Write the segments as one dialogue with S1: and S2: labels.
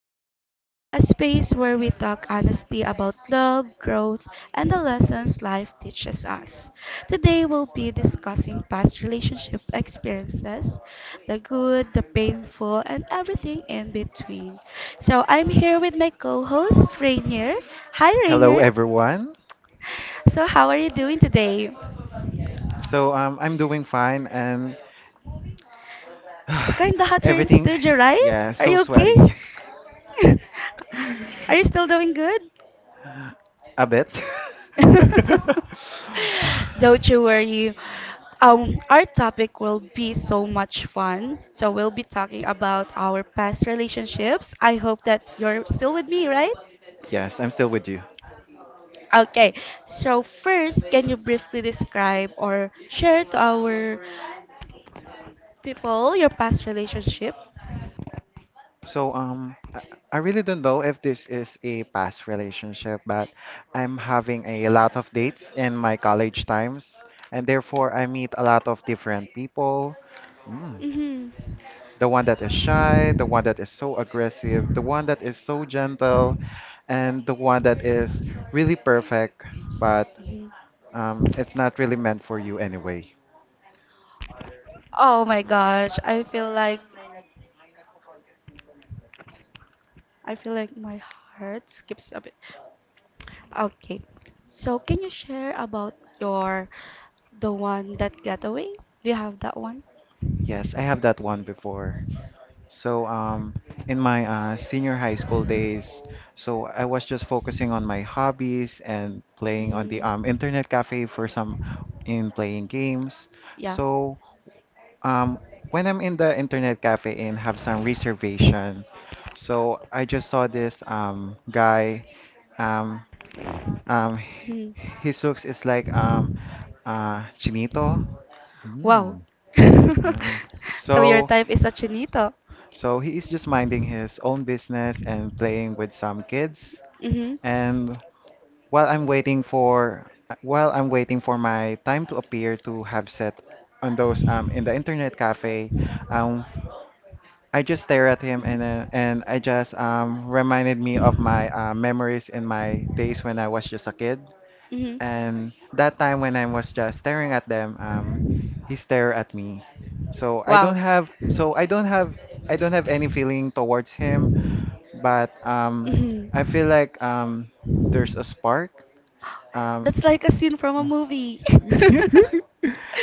S1: Talks, a space where we talk honestly about love, growth, and the lessons life teaches us. Today, we'll be discussing past relationship experiences, the good, the painful, and everything in between. So, I'm here with my co host, Rainier. Hi,
S2: Hello,
S1: Rainier.
S2: everyone.
S1: So, how are you doing today?
S2: I'm doing fine and
S1: It's kind of hot here in
S2: everything.
S1: studio, right?
S2: Yeah,
S1: Are
S2: so
S1: you okay?
S2: sweaty.
S1: Are you still doing good?
S2: A bit.
S1: Don't you worry. Our topic will be so much fun. So we'll be talking about our past relationships. I hope that you're still with me, right?
S2: Yes, I'm still with you.
S1: Okay. So first, can you briefly describe or share to our people your past relationship?
S2: So um, I, I really don't know if this is a past relationship, but I'm having a lot of dates in my college times, and therefore I meet a lot of different people. Hmm.
S1: Mm-hmm.
S2: The one that is shy, the one that is so aggressive, the one that is so gentle, and the one that is really perfect, but
S1: Mhm.
S2: um, it's not really meant for you anyway.
S1: Oh my gosh, I feel like my heart skips a bit. Okay. So can you share about your, the one that got away? Do you have that one?
S2: Yes, I have that one before. So, um, in my senior high school days, so I was just focusing on my hobbies and playing on the
S1: Hmm.
S2: internet cafe for some in playing games.
S1: Yeah.
S2: So Um, when I'm in the internet cafe and have some reservation, so I just saw this guy. Um, um,
S1: Mhm.
S2: his looks is like chinito.
S1: Wow.
S2: Mm. Uh,
S1: So your
S2: so
S1: type is a chinito.
S2: so he is just minding his own business and playing with some kids.
S1: Mm-hmm.
S2: And while I'm waiting for while I'm waiting for my time to appear to have set on those in the internet cafe, um I just stare at him and then and I just reminded me of my memories in my days when I was just a kid.
S1: Mm-hmm.
S2: And that time when I was just staring at them, he stared at me. So I
S1: Wow.
S2: don't have so I don't have any feeling towards him, but I feel
S1: Mm-hmm.
S2: like there's a spark. Um,
S1: That's like a scene from a movie.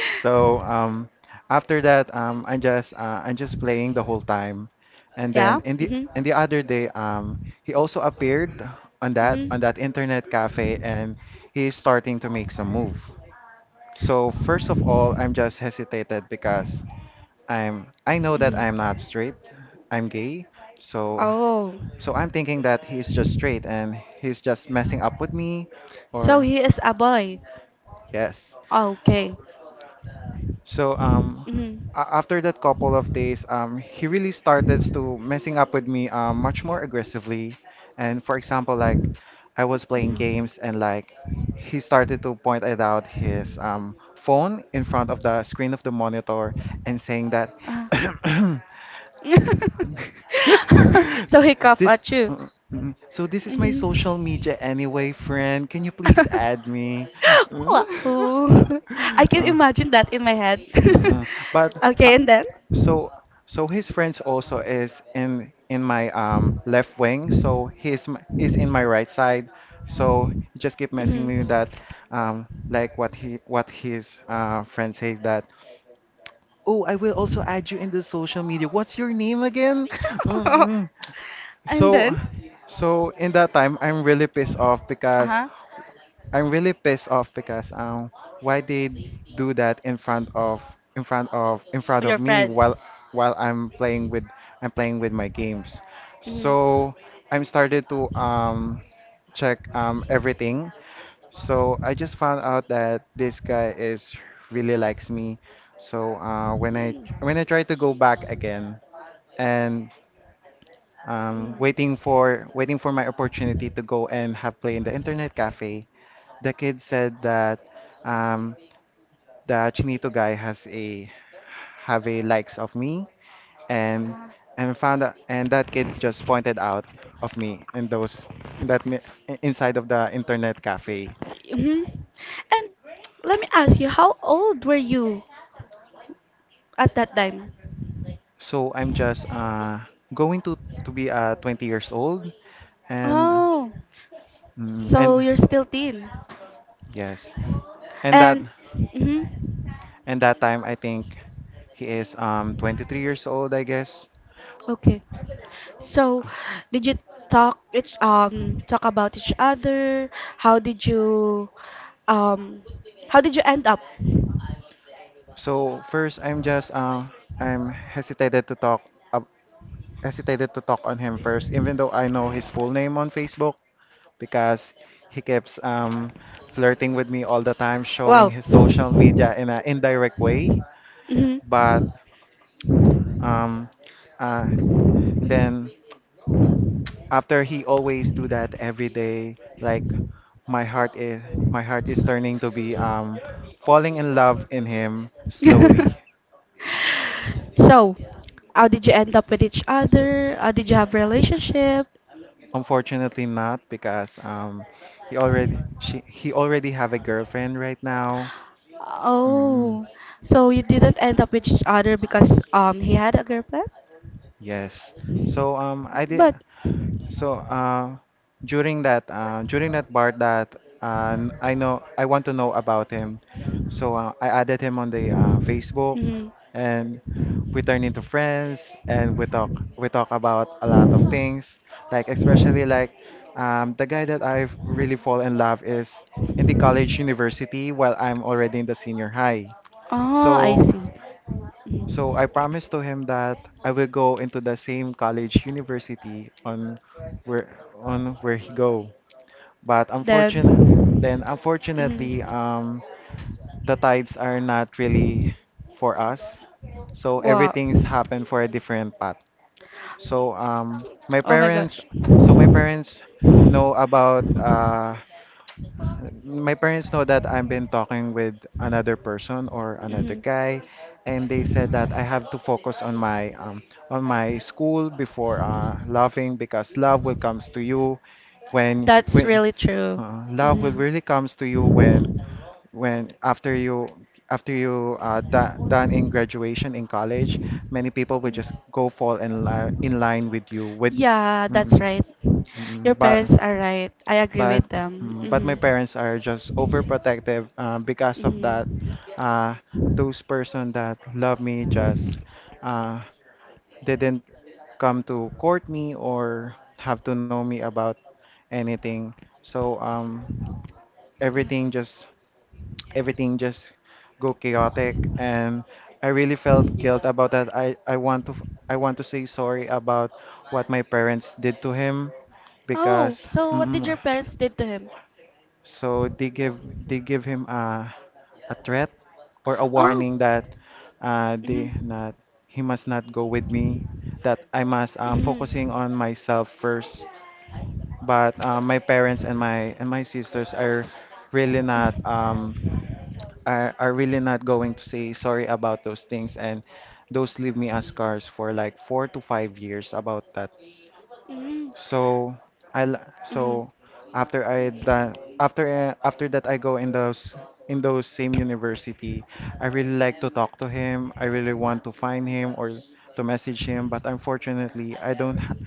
S2: So um, after that, I'm just playing the whole time, and
S1: Yeah.
S2: then in the
S1: Mhm.
S2: other day, he also appeared on
S1: Mhm.
S2: that internet cafe, and he's starting to make some move. So first of all, I'm just hesitated because I know that I'm not
S1: Mhm.
S2: straight, I'm gay, so
S1: Oh,
S2: so I'm thinking that he's just straight and he's just messing up with me,
S1: so
S2: or
S1: he is a boy.
S2: yes.
S1: Oh, okay.
S2: So um
S1: Mhm.
S2: a- after that couple of days, he really started to messing up with me much more aggressively. And for example, like I was playing
S1: Mhm.
S2: games and like he started to point it out his phone in front of the screen of the monitor and saying that
S1: Ah. So he cough
S2: this
S1: at you.
S2: uh, mm, so this is my
S1: Mhm.
S2: social media anyway, friend. Can you please add me?
S1: Wow. I can
S2: Uh,
S1: imagine that in my head.
S2: uh, but
S1: Okay, and then?
S2: so, so his friends also is in my left wing. So he's in my right side. So he just keep
S1: Mhm.
S2: messing me with that, like what he what his friend say that. Oh, I will also add you in the social media. What's your name again? Mm-mm.
S1: And
S2: So,
S1: then?
S2: so in that time,
S1: Uh huh.
S2: I'm really pissed off because why they do that in front of in front of
S1: Your
S2: me
S1: friends.
S2: while while I'm playing
S1: Mhm.
S2: with I'm playing with my games. So I'm started to check everything. So I just found out that this guy is really likes me. So uh, when I when I try to go back again and
S1: Uh-huh.
S2: waiting for my opportunity to go and have play in the internet cafe, the kid said that um, the Chinito guy has a have a likes of me and and found out, and that kid just pointed out of me in those in that inside of the internet cafe.
S1: Mhm. And let me ask you, how old were you at that time?
S2: So I'm just going to be 20 years old and
S1: Oh,
S2: mm,
S1: so
S2: and
S1: you're still teen.
S2: yes and that
S1: And mhm.
S2: and that time I think he is 23 years old I guess.
S1: Okay. So, did you talk each talk about each other? How did you um how did you end up?
S2: So first I'm hesitated to talk on him first, even though I know his full name on Facebook because he keeps flirting with me all the time, showing
S1: Wow.
S2: his social media in an indirect way.
S1: Hmm.
S2: But um, uh, and then after he always do that every day, like my heart is my heart is turning to be falling in love in him slowly.
S1: So, how did you end up with each other? How did you have relationship?
S2: Unfortunately, not because he already she he already have a girlfriend right now. Mm.
S1: Oh, so you didn't end up with each other because he had a girlfriend?
S2: Yes. So I did
S1: But
S2: so during that part that I know I want to know about him. I added him on the Facebook
S1: mhm.
S2: and we turned into friends and we talk about a lot of things like especially like the guy that I've really fall in love is in the college university while I'm already in the senior high.
S1: Oh, I
S2: So
S1: see.
S2: so
S1: Mhm.
S2: I promised to him that I will go into the same college university on where where he go. But
S1: Then,
S2: unfortunate then Unfortunately
S1: mm,
S2: the tides are not really for us. So
S1: wow.
S2: everything's happened for a different path. So um my
S1: Oh my
S2: parents
S1: gosh.
S2: my parents know about my parents know that I've been talking with another person or another
S1: Mhm.
S2: guy, and they said that I have to focus on my school before loving because when
S1: That's
S2: when
S1: really true.
S2: love will
S1: Mhm.
S2: really comes to you when after you da done in graduation in college, many people will just go fall in li in line with you with
S1: Yeah, that's
S2: mm-mm,
S1: right. Your
S2: But
S1: parents are right. I agree
S2: but
S1: with them.
S2: but my
S1: Hmm.
S2: parents are just overprotective because of that
S1: Hmm.
S2: uh, those person that love me just uh, didn't come to court me or have to know me about anything so everything just everything just go chaotic and I really felt guilt about that I want to say sorry about what my parents did to him
S1: Oh,
S2: because
S1: so what did your parents did to him?
S2: so they give him a threat or a
S1: Oh.
S2: warning that
S1: Mhm.
S2: they not he must not go with me, that I must
S1: Mhm.
S2: focusing
S1: Mhm.
S2: on myself first. But my parents and my sisters are really not are really not going to say sorry about those things and those leave me as scars for like 4 to 5 years about that
S1: Mhm. Mhm. Mhm.
S2: so
S1: Mhm.
S2: so after I done after that I go in those same university. I really like to talk to him. I really want to find him or to message him, but unfortunately,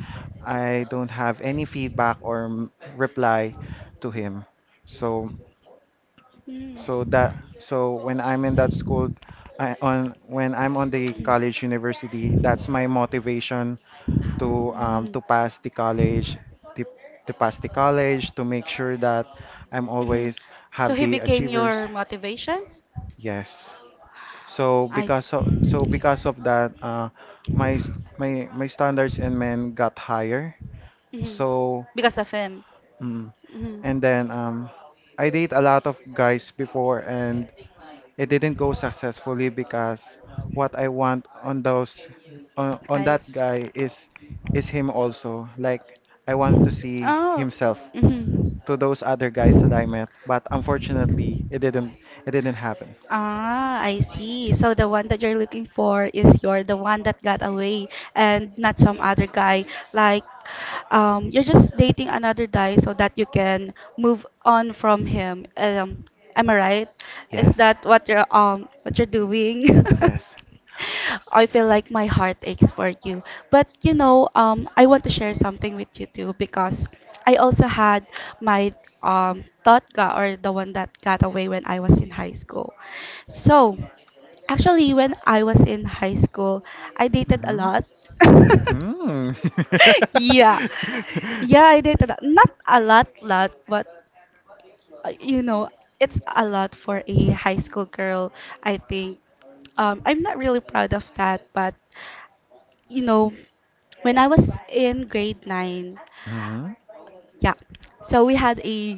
S2: I don't have any feedback or reply to him. So so that so when I'm in that school, I on when I'm on the college university, that's my motivation to pass the college to, to pass the college to make sure that I'm always
S1: So
S2: have
S1: he
S2: the
S1: became
S2: achievers.
S1: your motivation?
S2: Yes.
S1: I see.
S2: Because of that, my my standards in men got higher.
S1: Mhm.
S2: So
S1: Because of him.
S2: mm,
S1: Mhm.
S2: and then I date a lot of guys before, and it didn't go successfully because what I want on those on
S1: I.
S2: that guy is him also. Like I want to see
S1: Oh.
S2: himself
S1: Mhm.
S2: to those other guys that I met, but unfortunately, it didn't happen.
S1: Ah, I see. So the one that you're looking for is you're the one that got away and not some other guy. Like, you're just dating another guy so that you can move on from him. Am I right? Is
S2: Yes.
S1: that what you're doing?
S2: Yes.
S1: I feel like my heart aches for you. But you know, I want to share something with you too because I also had my totga or the one that got away when I was in high school. So actually, when I was in high school, I dated a
S2: Mhm.
S1: lot.
S2: Mm.
S1: Yeah, yeah, I dated a- not a lot, lot, but you know, it's a lot for a high school girl, I think. I'm not really proud of that, but you know, when I was in grade 9,
S2: Mhm.
S1: yeah, so we had a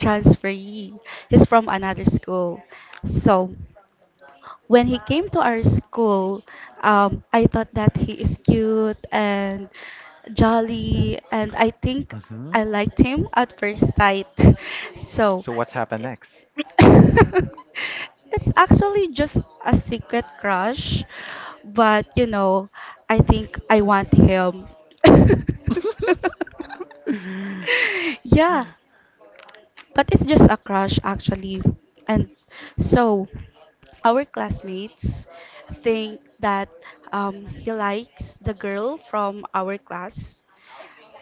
S1: transferee. He's from another school. So, when he came to our school, I thought that he is cute and jolly, and I think
S2: Mhm.
S1: I liked him at first sight. So,
S2: So what's happened next?
S1: it's actually just a secret crush, but you know, I think I want him. Yeah, but it's just a crush, actually. And so, our classmates think that he likes the girl from our class.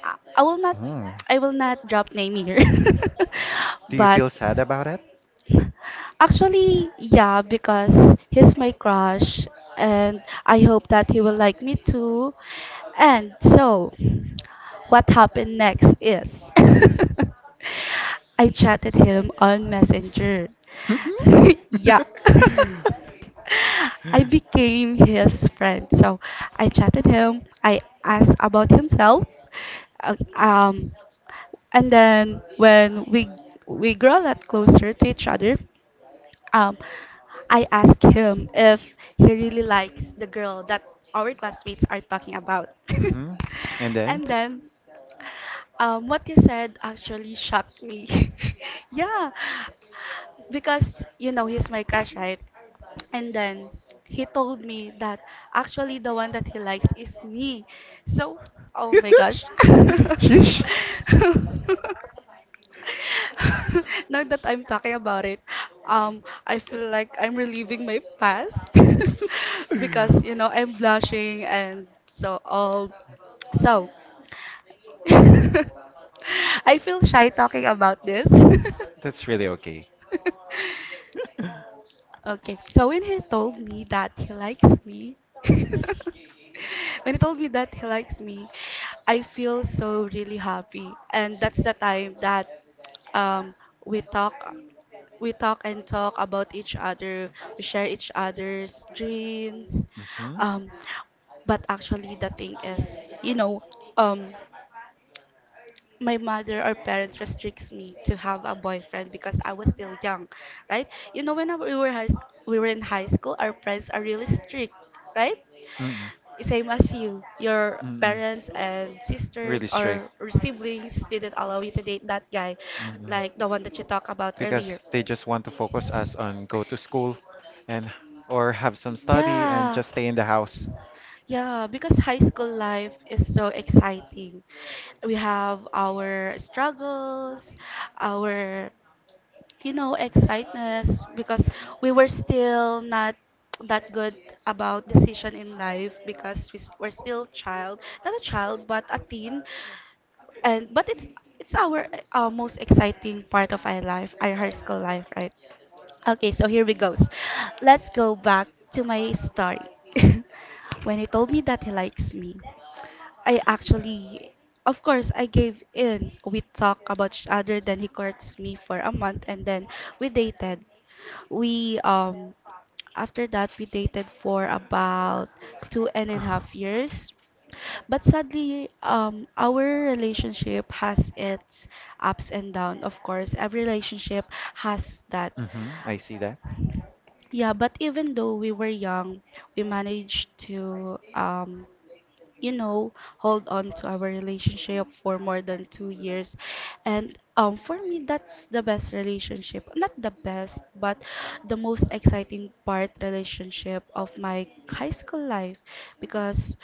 S1: I will not,
S2: Oh.
S1: I will not drop name here,
S2: Do you
S1: but
S2: feel sad about it?
S1: actually, yeah, because he's my crush and I hope that he will like me too. And so, what happened next is I chatted him on Messenger. Yeah. I became his friend. So I chatted him. I asked about himself. Uh, Um, and then when we grow a lot closer to each other, um, I asked him if he really likes the girl that our classmates are talking about.
S2: hmm And then?
S1: And then what you said actually shocked me. Yeah, because you know he's my crush, right? And then he told me that actually the one that he likes is me. So, oh my gosh.
S2: Sheesh.
S1: Now that I'm talking about it, I feel like I'm reliving my past because you know I'm blushing and so all. So, I feel shy talking about this.
S2: That's really okay.
S1: Okay, so when he told me that he likes me, when he told me that he likes me, I feel so really happy, and that's the time that um, we talk, we talk and talk about each other. We share each other's dreams.
S2: hmm
S1: Um, but actually, the thing is, you know, um, my mother or parents restricts me to have a boyfriend because I was still young, right? You know, when I- we were high, we were in high school, our parents are really strict, right?
S2: Mm-mm.
S1: Same as you, your
S2: Mm-mm.
S1: parents and sisters
S2: Really strict.
S1: or siblings didn't allow you to date that guy,
S2: Mm-mm.
S1: like the one that you talked about earlier.
S2: Because they just want to focus us on go to school and or have some study and
S1: Yeah.
S2: just stay in the house.
S1: Yeah, because high school life is so exciting. We have our struggles, our, you know, excitedness because we were still not that good about decision in life because we s- were still child, not a child, but a teen and but it's our most exciting part of our life, our high school life, right? Okay, so here we goes. Let's go back to my story. When he told me that he likes me, I actually, of course, I gave in. We talked about each other, then he courts me for a month, and then we dated. We, um, after that, we dated for about 2.5 years. But sadly, our relationship has its ups and downs. Of course, every relationship has that.
S2: Mm-hmm. I see that.
S1: Yeah, but even though we were young, we managed to you know, hold on to our relationship for more than 2 years. And for me, that's the best relationship. Not the best, but the most exciting part relationship of my high school life because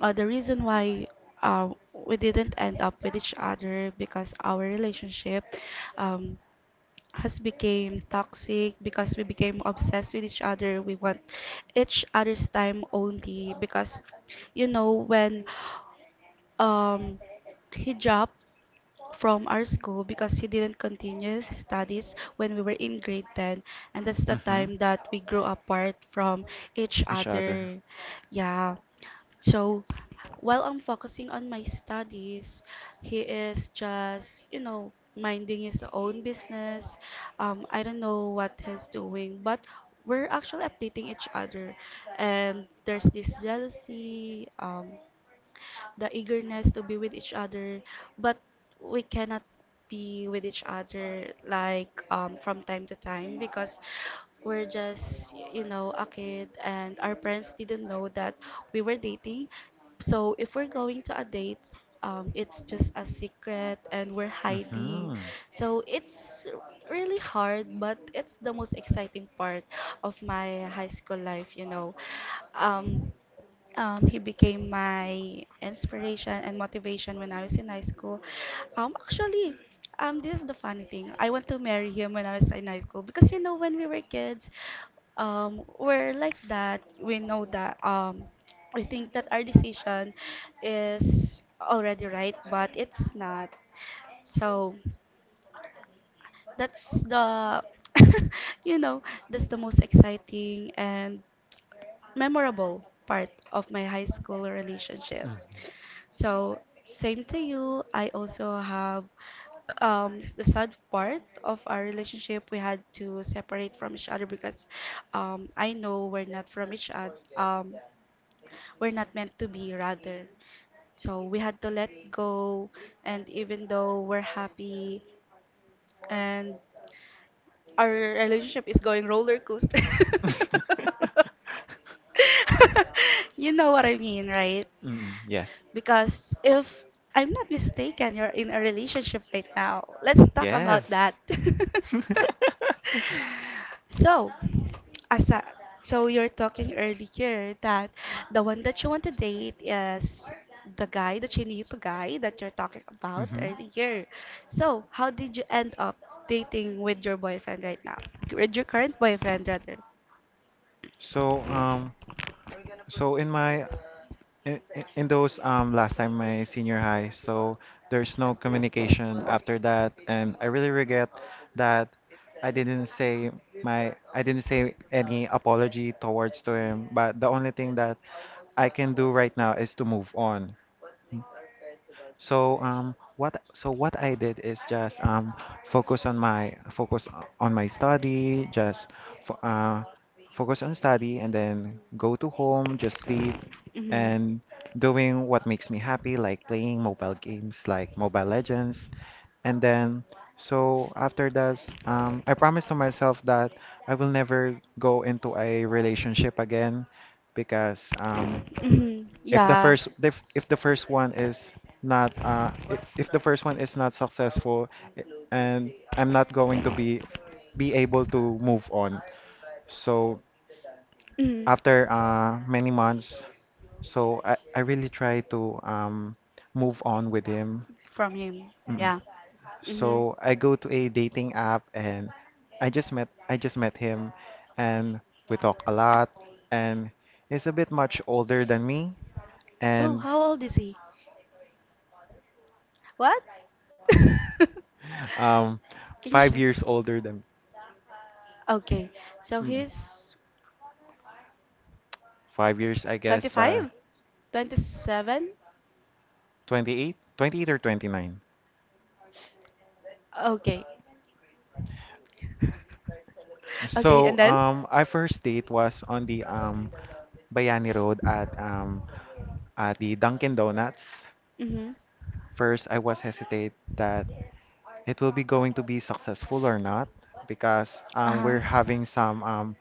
S1: the reason why we didn't end up with each other because our relationship um, has became toxic because we became obsessed with each other. We want each other's time only because you know when um he dropped from our school because he didn't continue his studies when we were in grade 10 and that's the
S2: Mm-hmm.
S1: time that we grew apart from each
S2: Each other.
S1: other. Yeah. So while I'm focusing on my studies, he is just, you know, minding his own business. I don't know what he's doing, but we're actually updating each other. And there's this jealousy. The eagerness to be with each other, but we cannot be with each other like from time to time because we're just, you know, a kid and our parents didn't know that we were dating. So if we're going to a date, it's just a secret and we're hiding.
S2: Mm-hmm.
S1: So it's really hard, but it's the most exciting part of my high school life, you know. Um, he became my inspiration and motivation when I was in high school. Um, actually, this is the funny thing. I want to marry him when I was in high school because you know when we were kids, we're like that. We know that we think that our decision is already right, but it's not. So that's the, you know, that's the most exciting and memorable part of my high school relationship. So, same to you, I also have the sad part of our relationship. We had to separate from each other because I know we're not from each other. We're not meant to be, rather. So, we had to let go, and even though we're happy and our relationship is going roller coaster.
S2: Mm hmm.
S1: You know what I mean, right?
S2: Mm, yes.
S1: Because if I'm not mistaken, you're in a relationship right now. Let's talk about
S2: Yes.
S1: that. So, as a, so you're talking earlier that the one that you want to date is the guy that you need to guy that you're talking about
S2: hmm
S1: earlier. So, how did you end up dating with your boyfriend right now? With your current boyfriend, rather.
S2: So um in my in those last time my senior high, so there's no communication after that and I really regret that I didn't say I didn't say any apology towards to him, but the only thing that I can do right now is to move on. What I did is just focus on my study, just fo focus on study, and then go to home, just sleep,
S1: Mm-hmm.
S2: and doing what makes me happy, like playing mobile games, like Mobile Legends, and then so after that, I promised to myself that I will never go into a relationship again, because
S1: Mm-hmm. Yeah.
S2: if the first one is not I- if the first one is not successful i- and I'm not going to be able to move on. So
S1: Mm-hmm.
S2: after many months, I really try to move on with him.
S1: From him.
S2: Mm.
S1: Yeah. Mm-hmm.
S2: So I go to a dating app and I just met him and we talk a lot and he's a bit much older than me
S1: So,
S2: and
S1: how old is he? What?
S2: Um,
S1: Can you
S2: five
S1: share?
S2: years older than
S1: Okay. So
S2: mm,
S1: he's
S2: 5 years, I guess, but
S1: 25? 27?
S2: 28 or 29.
S1: Okay. Okay,
S2: So,
S1: and then?
S2: our first date was on the Bayani Road at the Dunkin' Donuts.
S1: Mm-hmm.
S2: First, I was hesitate that it will be going to be successful or not because
S1: Uh-huh.
S2: we're having some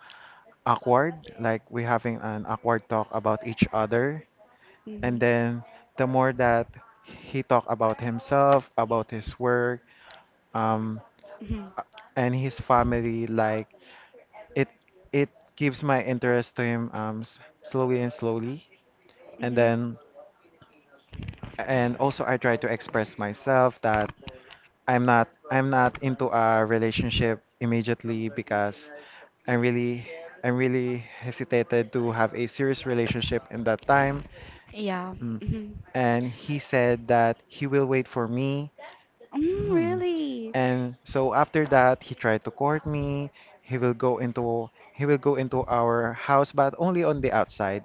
S2: awkward, like we're having an awkward talk about each other.
S1: Mm-hmm.
S2: And then the more that he talked about himself, about his work, um,
S1: Mm-hmm.
S2: and his family, like it it gives my interest to him, slowly and slowly. And
S1: Mm-hmm.
S2: then and also, I try to express myself that I'm not into a relationship immediately because I'm really I'm really hesitated to have a serious relationship in that time.
S1: Yeah.
S2: Mm.
S1: Mm-hmm.
S2: And he said that he will wait for me.
S1: Mm,
S2: Mm.
S1: really?
S2: And so after that, he tried to court me. He will go into he will go into our house, but only on the outside.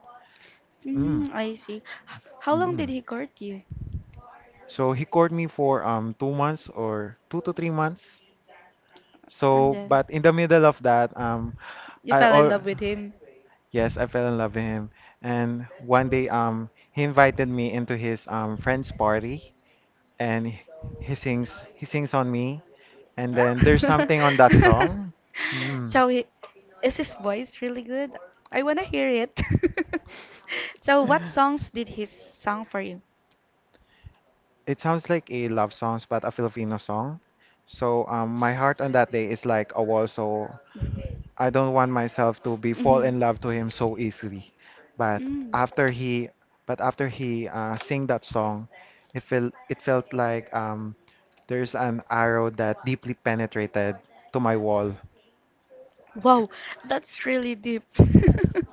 S1: Mm,
S2: Mm.
S1: I see. How long did
S2: Mm.
S1: he court you?
S2: So he courted me for 2 months or 2 to 3 months.
S1: And
S2: So,
S1: then
S2: but in the middle of that,
S1: you
S2: I
S1: fell in
S2: all
S1: love with him.
S2: yes, I fell in love with him. And one day, he invited me into his friend's party, and he sings on me. And
S1: Ah.
S2: then there's something on that song. Mm.
S1: So he, is his voice really good? I wanna hear it. So what songs did he sing for you?
S2: It sounds like a love songs, but a Filipino song. So, my heart on that day is like a wall. So
S1: Mhm.
S2: I don't want myself to be fall in love to him so easily. But
S1: Mm.
S2: after he, but after he sing that song, it felt like, there's an arrow that deeply penetrated to my wall.
S1: Wow, that's really deep.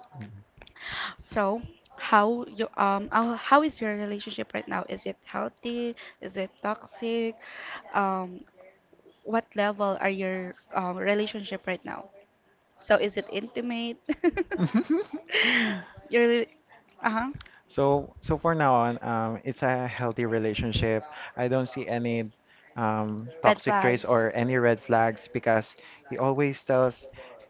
S1: So, how you how is your relationship right now? Is it healthy? Is it toxic? Um, what level are your relationship right now? So, is it intimate? Your rela- uh-huh,
S2: So for now on, it's a healthy relationship. I don't see any
S1: red
S2: toxic traits
S1: flags.
S2: or any red flags because he always tells,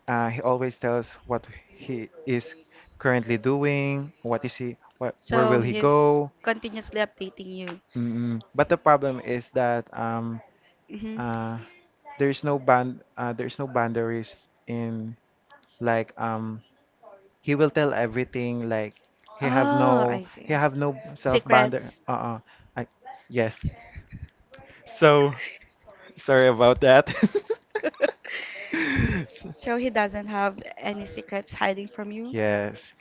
S2: he always tells what he is currently doing, what is he, what, where
S1: So,
S2: will he
S1: he's
S2: go.
S1: continuously updating you.
S2: But the problem is that
S1: hmm
S2: uh, there's no boundaries in, like, he will tell everything, like he have
S1: Oh,
S2: no
S1: I see.
S2: he
S1: I see.
S2: have no self bounder.
S1: Secrets.
S2: Uh-uh I, yes, so sorry about that.
S1: So he doesn't have any secrets hiding from you?
S2: Yes,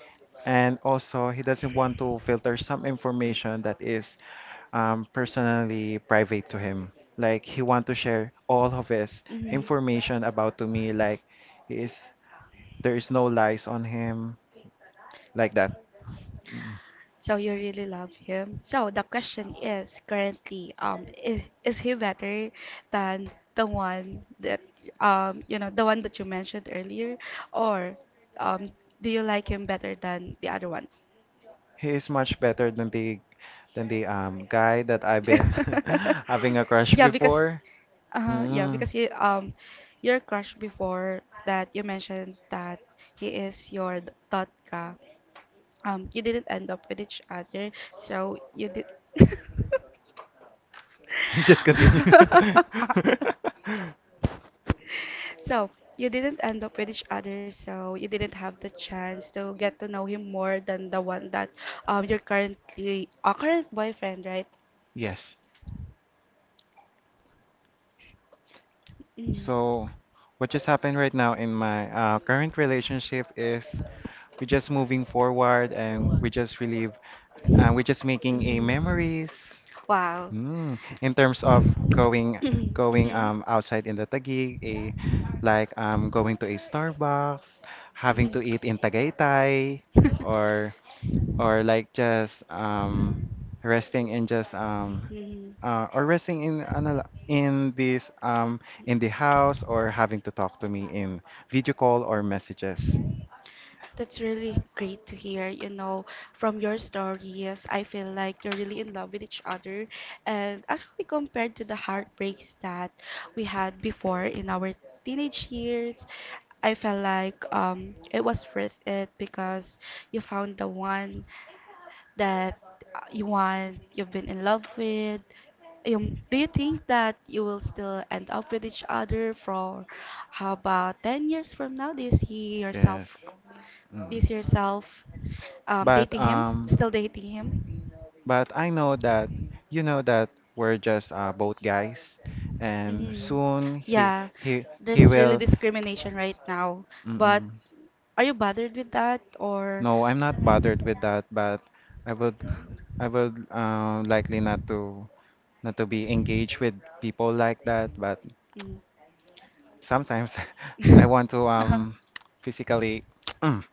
S2: and also he doesn't want to filter some information that is, personally private to him, like he want to share all of his information about to me, like he is there is no lies on him, like that.
S1: So you really love him. So the question is currently, is he better than the one that, the one that you mentioned earlier, or, um, do you like him better than the other one?
S2: He is much better than the guy that I've been having a crush
S1: Yeah, because,
S2: before.
S1: yeah,
S2: Mm-mm.
S1: because you, your crush before that you mentioned that he is your thought ka. You didn't end up with each other, so you did.
S2: Just continue.
S1: So you didn't end up with each other, so you didn't have the chance to get to know him more than the one that your currently current boyfriend, right?
S2: Yes.
S1: Mm.
S2: So what just happened right now in my current relationship is we're just moving forward, and we just relive, and we're just making a
S1: Mm.
S2: memories.
S1: Wow.
S2: In terms of going,
S1: Mhm, mhm,
S2: outside in the Taguig, eh, like going to a Starbucks, having to
S1: mhm.
S2: eat in Tagaytay, or or like just resting in, just or resting in, in this, in
S1: Mhm.
S2: the house, or having to talk to me in video call or messages.
S1: That's really great to hear, you know, from your story. Yes, I feel like you're really in love with each other. And actually, compared to the heartbreaks that we had before in our teenage years, I felt like it was worth it because you found the one that you've been in love with? Do you think that you will still end up with each other for how about 10 years from now? Do you see
S2: Yes.
S1: yourself, do you
S2: Mm.
S1: see yourself
S2: But
S1: dating him?
S2: um,
S1: Still dating him?
S2: But I know that you know that we're just, both guys, and
S1: hmm
S2: soon he
S1: Yeah,
S2: he
S1: there's really
S2: will.
S1: discrimination right now. But
S2: Mm-mm.
S1: are you bothered with that or?
S2: No, I'm not bothered with that, but I would I would likely not to be engaged with people like that. But
S1: Mm.
S2: sometimes I want to,
S1: Uh-huh.
S2: physically. Mm.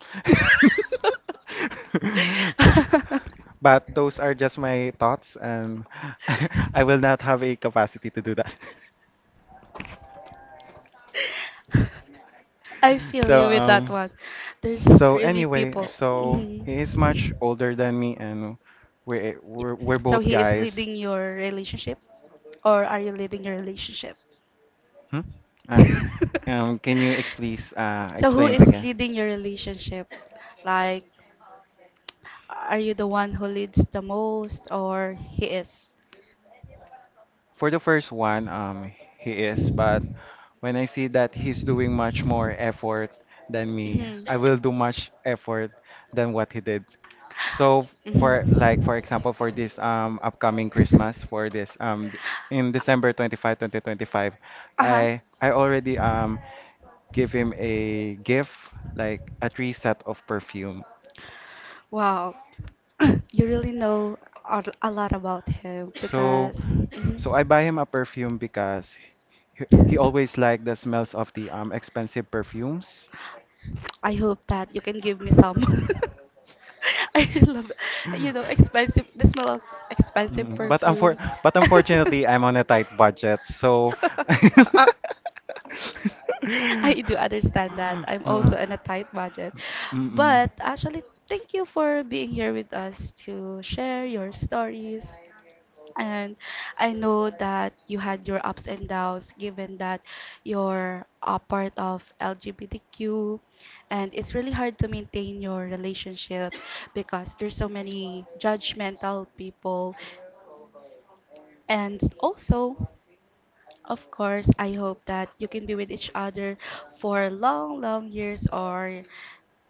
S2: But those are just my thoughts, and I will not have a capacity to do that.
S1: I feel
S2: So
S1: you with that
S2: um,
S1: one. There's
S2: so,
S1: really
S2: anyway,
S1: people.
S2: so he is much
S1: Mhm.
S2: older than me, and we're
S1: So
S2: both
S1: he is
S2: guys.
S1: leading your relationship, or are you leading your relationship?
S2: Hmm? Uh, can you ex please
S1: So who
S2: explain it
S1: is
S2: again?
S1: leading your relationship? Like, are you the one who leads the most, or he is?
S2: For the first one, he is, but when I see that he's doing much more effort than me,
S1: Mhm.
S2: I will do much effort than what he did. So, for like for example, for this upcoming
S1: Mhm.
S2: Christmas, for this in December 25th, 2025,
S1: Uh-huh.
S2: I already give him a gift, like a three set of perfume.
S1: Wow, you really know a lot about him
S2: So
S1: because mhm.
S2: so, I buy him a perfume because he always liked the smells of the expensive perfumes.
S1: I hope that you can give me some. I really love, you know, expensive, the smell of expensive
S2: Mm. But unfor
S1: perfumes.
S2: but unfortunately, I'm on a tight budget, so.
S1: I do understand that. I'm
S2: Uh,
S1: also on a tight budget.
S2: mm-mm.
S1: But actually, thank you for being here with us to share your stories. And I know that you had your ups and downs given that you're a part of LGBTQ and it's really hard to maintain your relationship because there's so many judgmental people and also of course, I hope that you can be with each other for long, long years or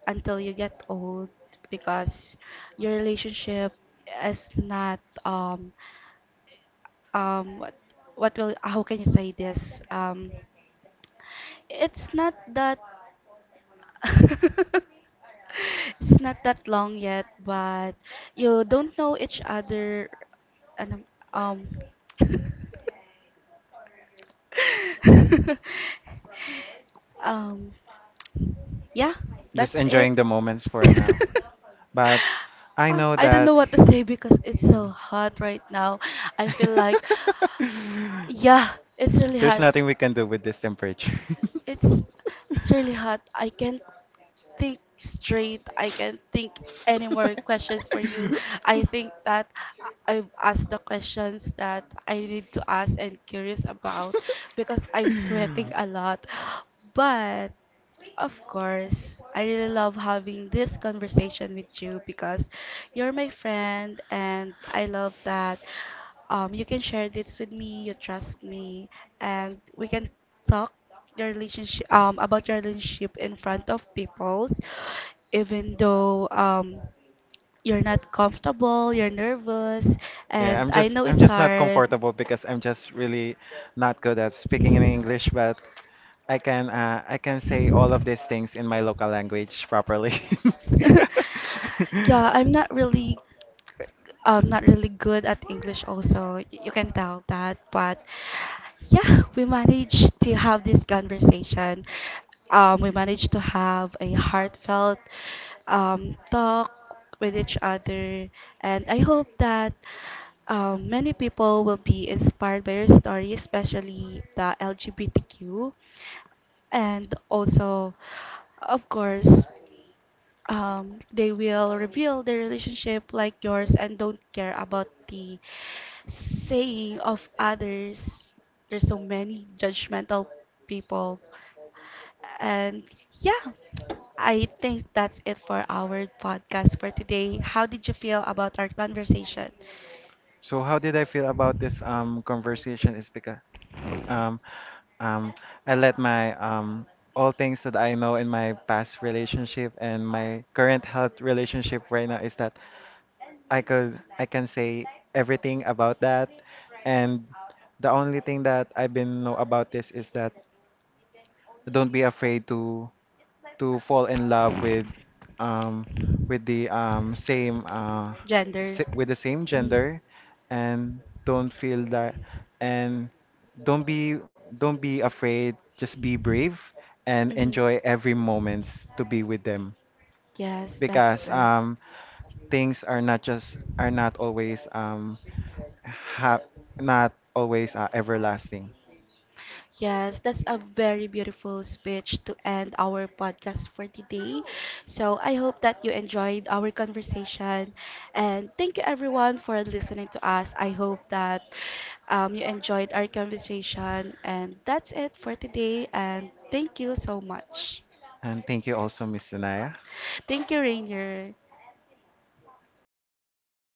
S1: until you get old because your relationship is not what what will how can you say this, it's not that it's not that long yet but you don't know each other and um um, yeah,
S2: Just
S1: that's it.
S2: enjoying the moments for now. But I
S1: Ah,
S2: know
S1: I don't know
S2: that.
S1: what to say because it's
S2: Mm.
S1: so hot right now. I feel like, yeah, it's really
S2: There's
S1: hot.
S2: nothing we can do with this temperature.
S1: It's it's really hot. I can't think straight. I can't think any more questions for you. I think that I've asked the questions that I need to ask and curious about because I'm sweating a lot. But of course, I really love having this conversation with you because you're my friend and I love that you can share this with me, you trust me, and we can talk your relationship about your relationship in front of people, even though you're not comfortable, you're nervous,
S2: Yeah,
S1: and
S2: I'm
S1: I
S2: just
S1: know
S2: I'm
S1: it's
S2: just not
S1: hard.
S2: comfortable because I'm just really not good at speaking in English, but I can say all of these things in my local language properly.
S1: Yeah, I'm not really good at English also. You can tell that, but yeah, we managed to have this conversation. We managed to have a heartfelt talk with each other, and I hope that many people will be inspired by your story, especially the LGBTQ. And also, of course, they will reveal their relationship like yours and don't care about the saying of others. There's so many judgmental people. And yeah, I think that's it for our podcast for today. How did you feel about our conversation?
S2: So, how did I feel about this conversation is because b- um um I let my all things that I know in my past relationship and my current health relationship right now is that I can say everything about that, and the only thing that I've been know about this is that don't be afraid to fall in love um with the um same uh
S1: Gender.
S2: with the same gender, and don't feel that, and don't be don't be afraid, just be brave and enjoy
S1: hmm
S2: every moments to be with them,
S1: Yes, that's
S2: because
S1: right.
S2: things are not always, ha everlasting.
S1: Yes, that's a very beautiful speech to end our podcast for today. So I hope that you enjoyed our conversation. And thank you everyone for listening to us. I hope that you enjoyed our conversation. And that's it for today. And thank you so much.
S2: And thank you also, Miss Danaya.
S1: Thank you, Rainier.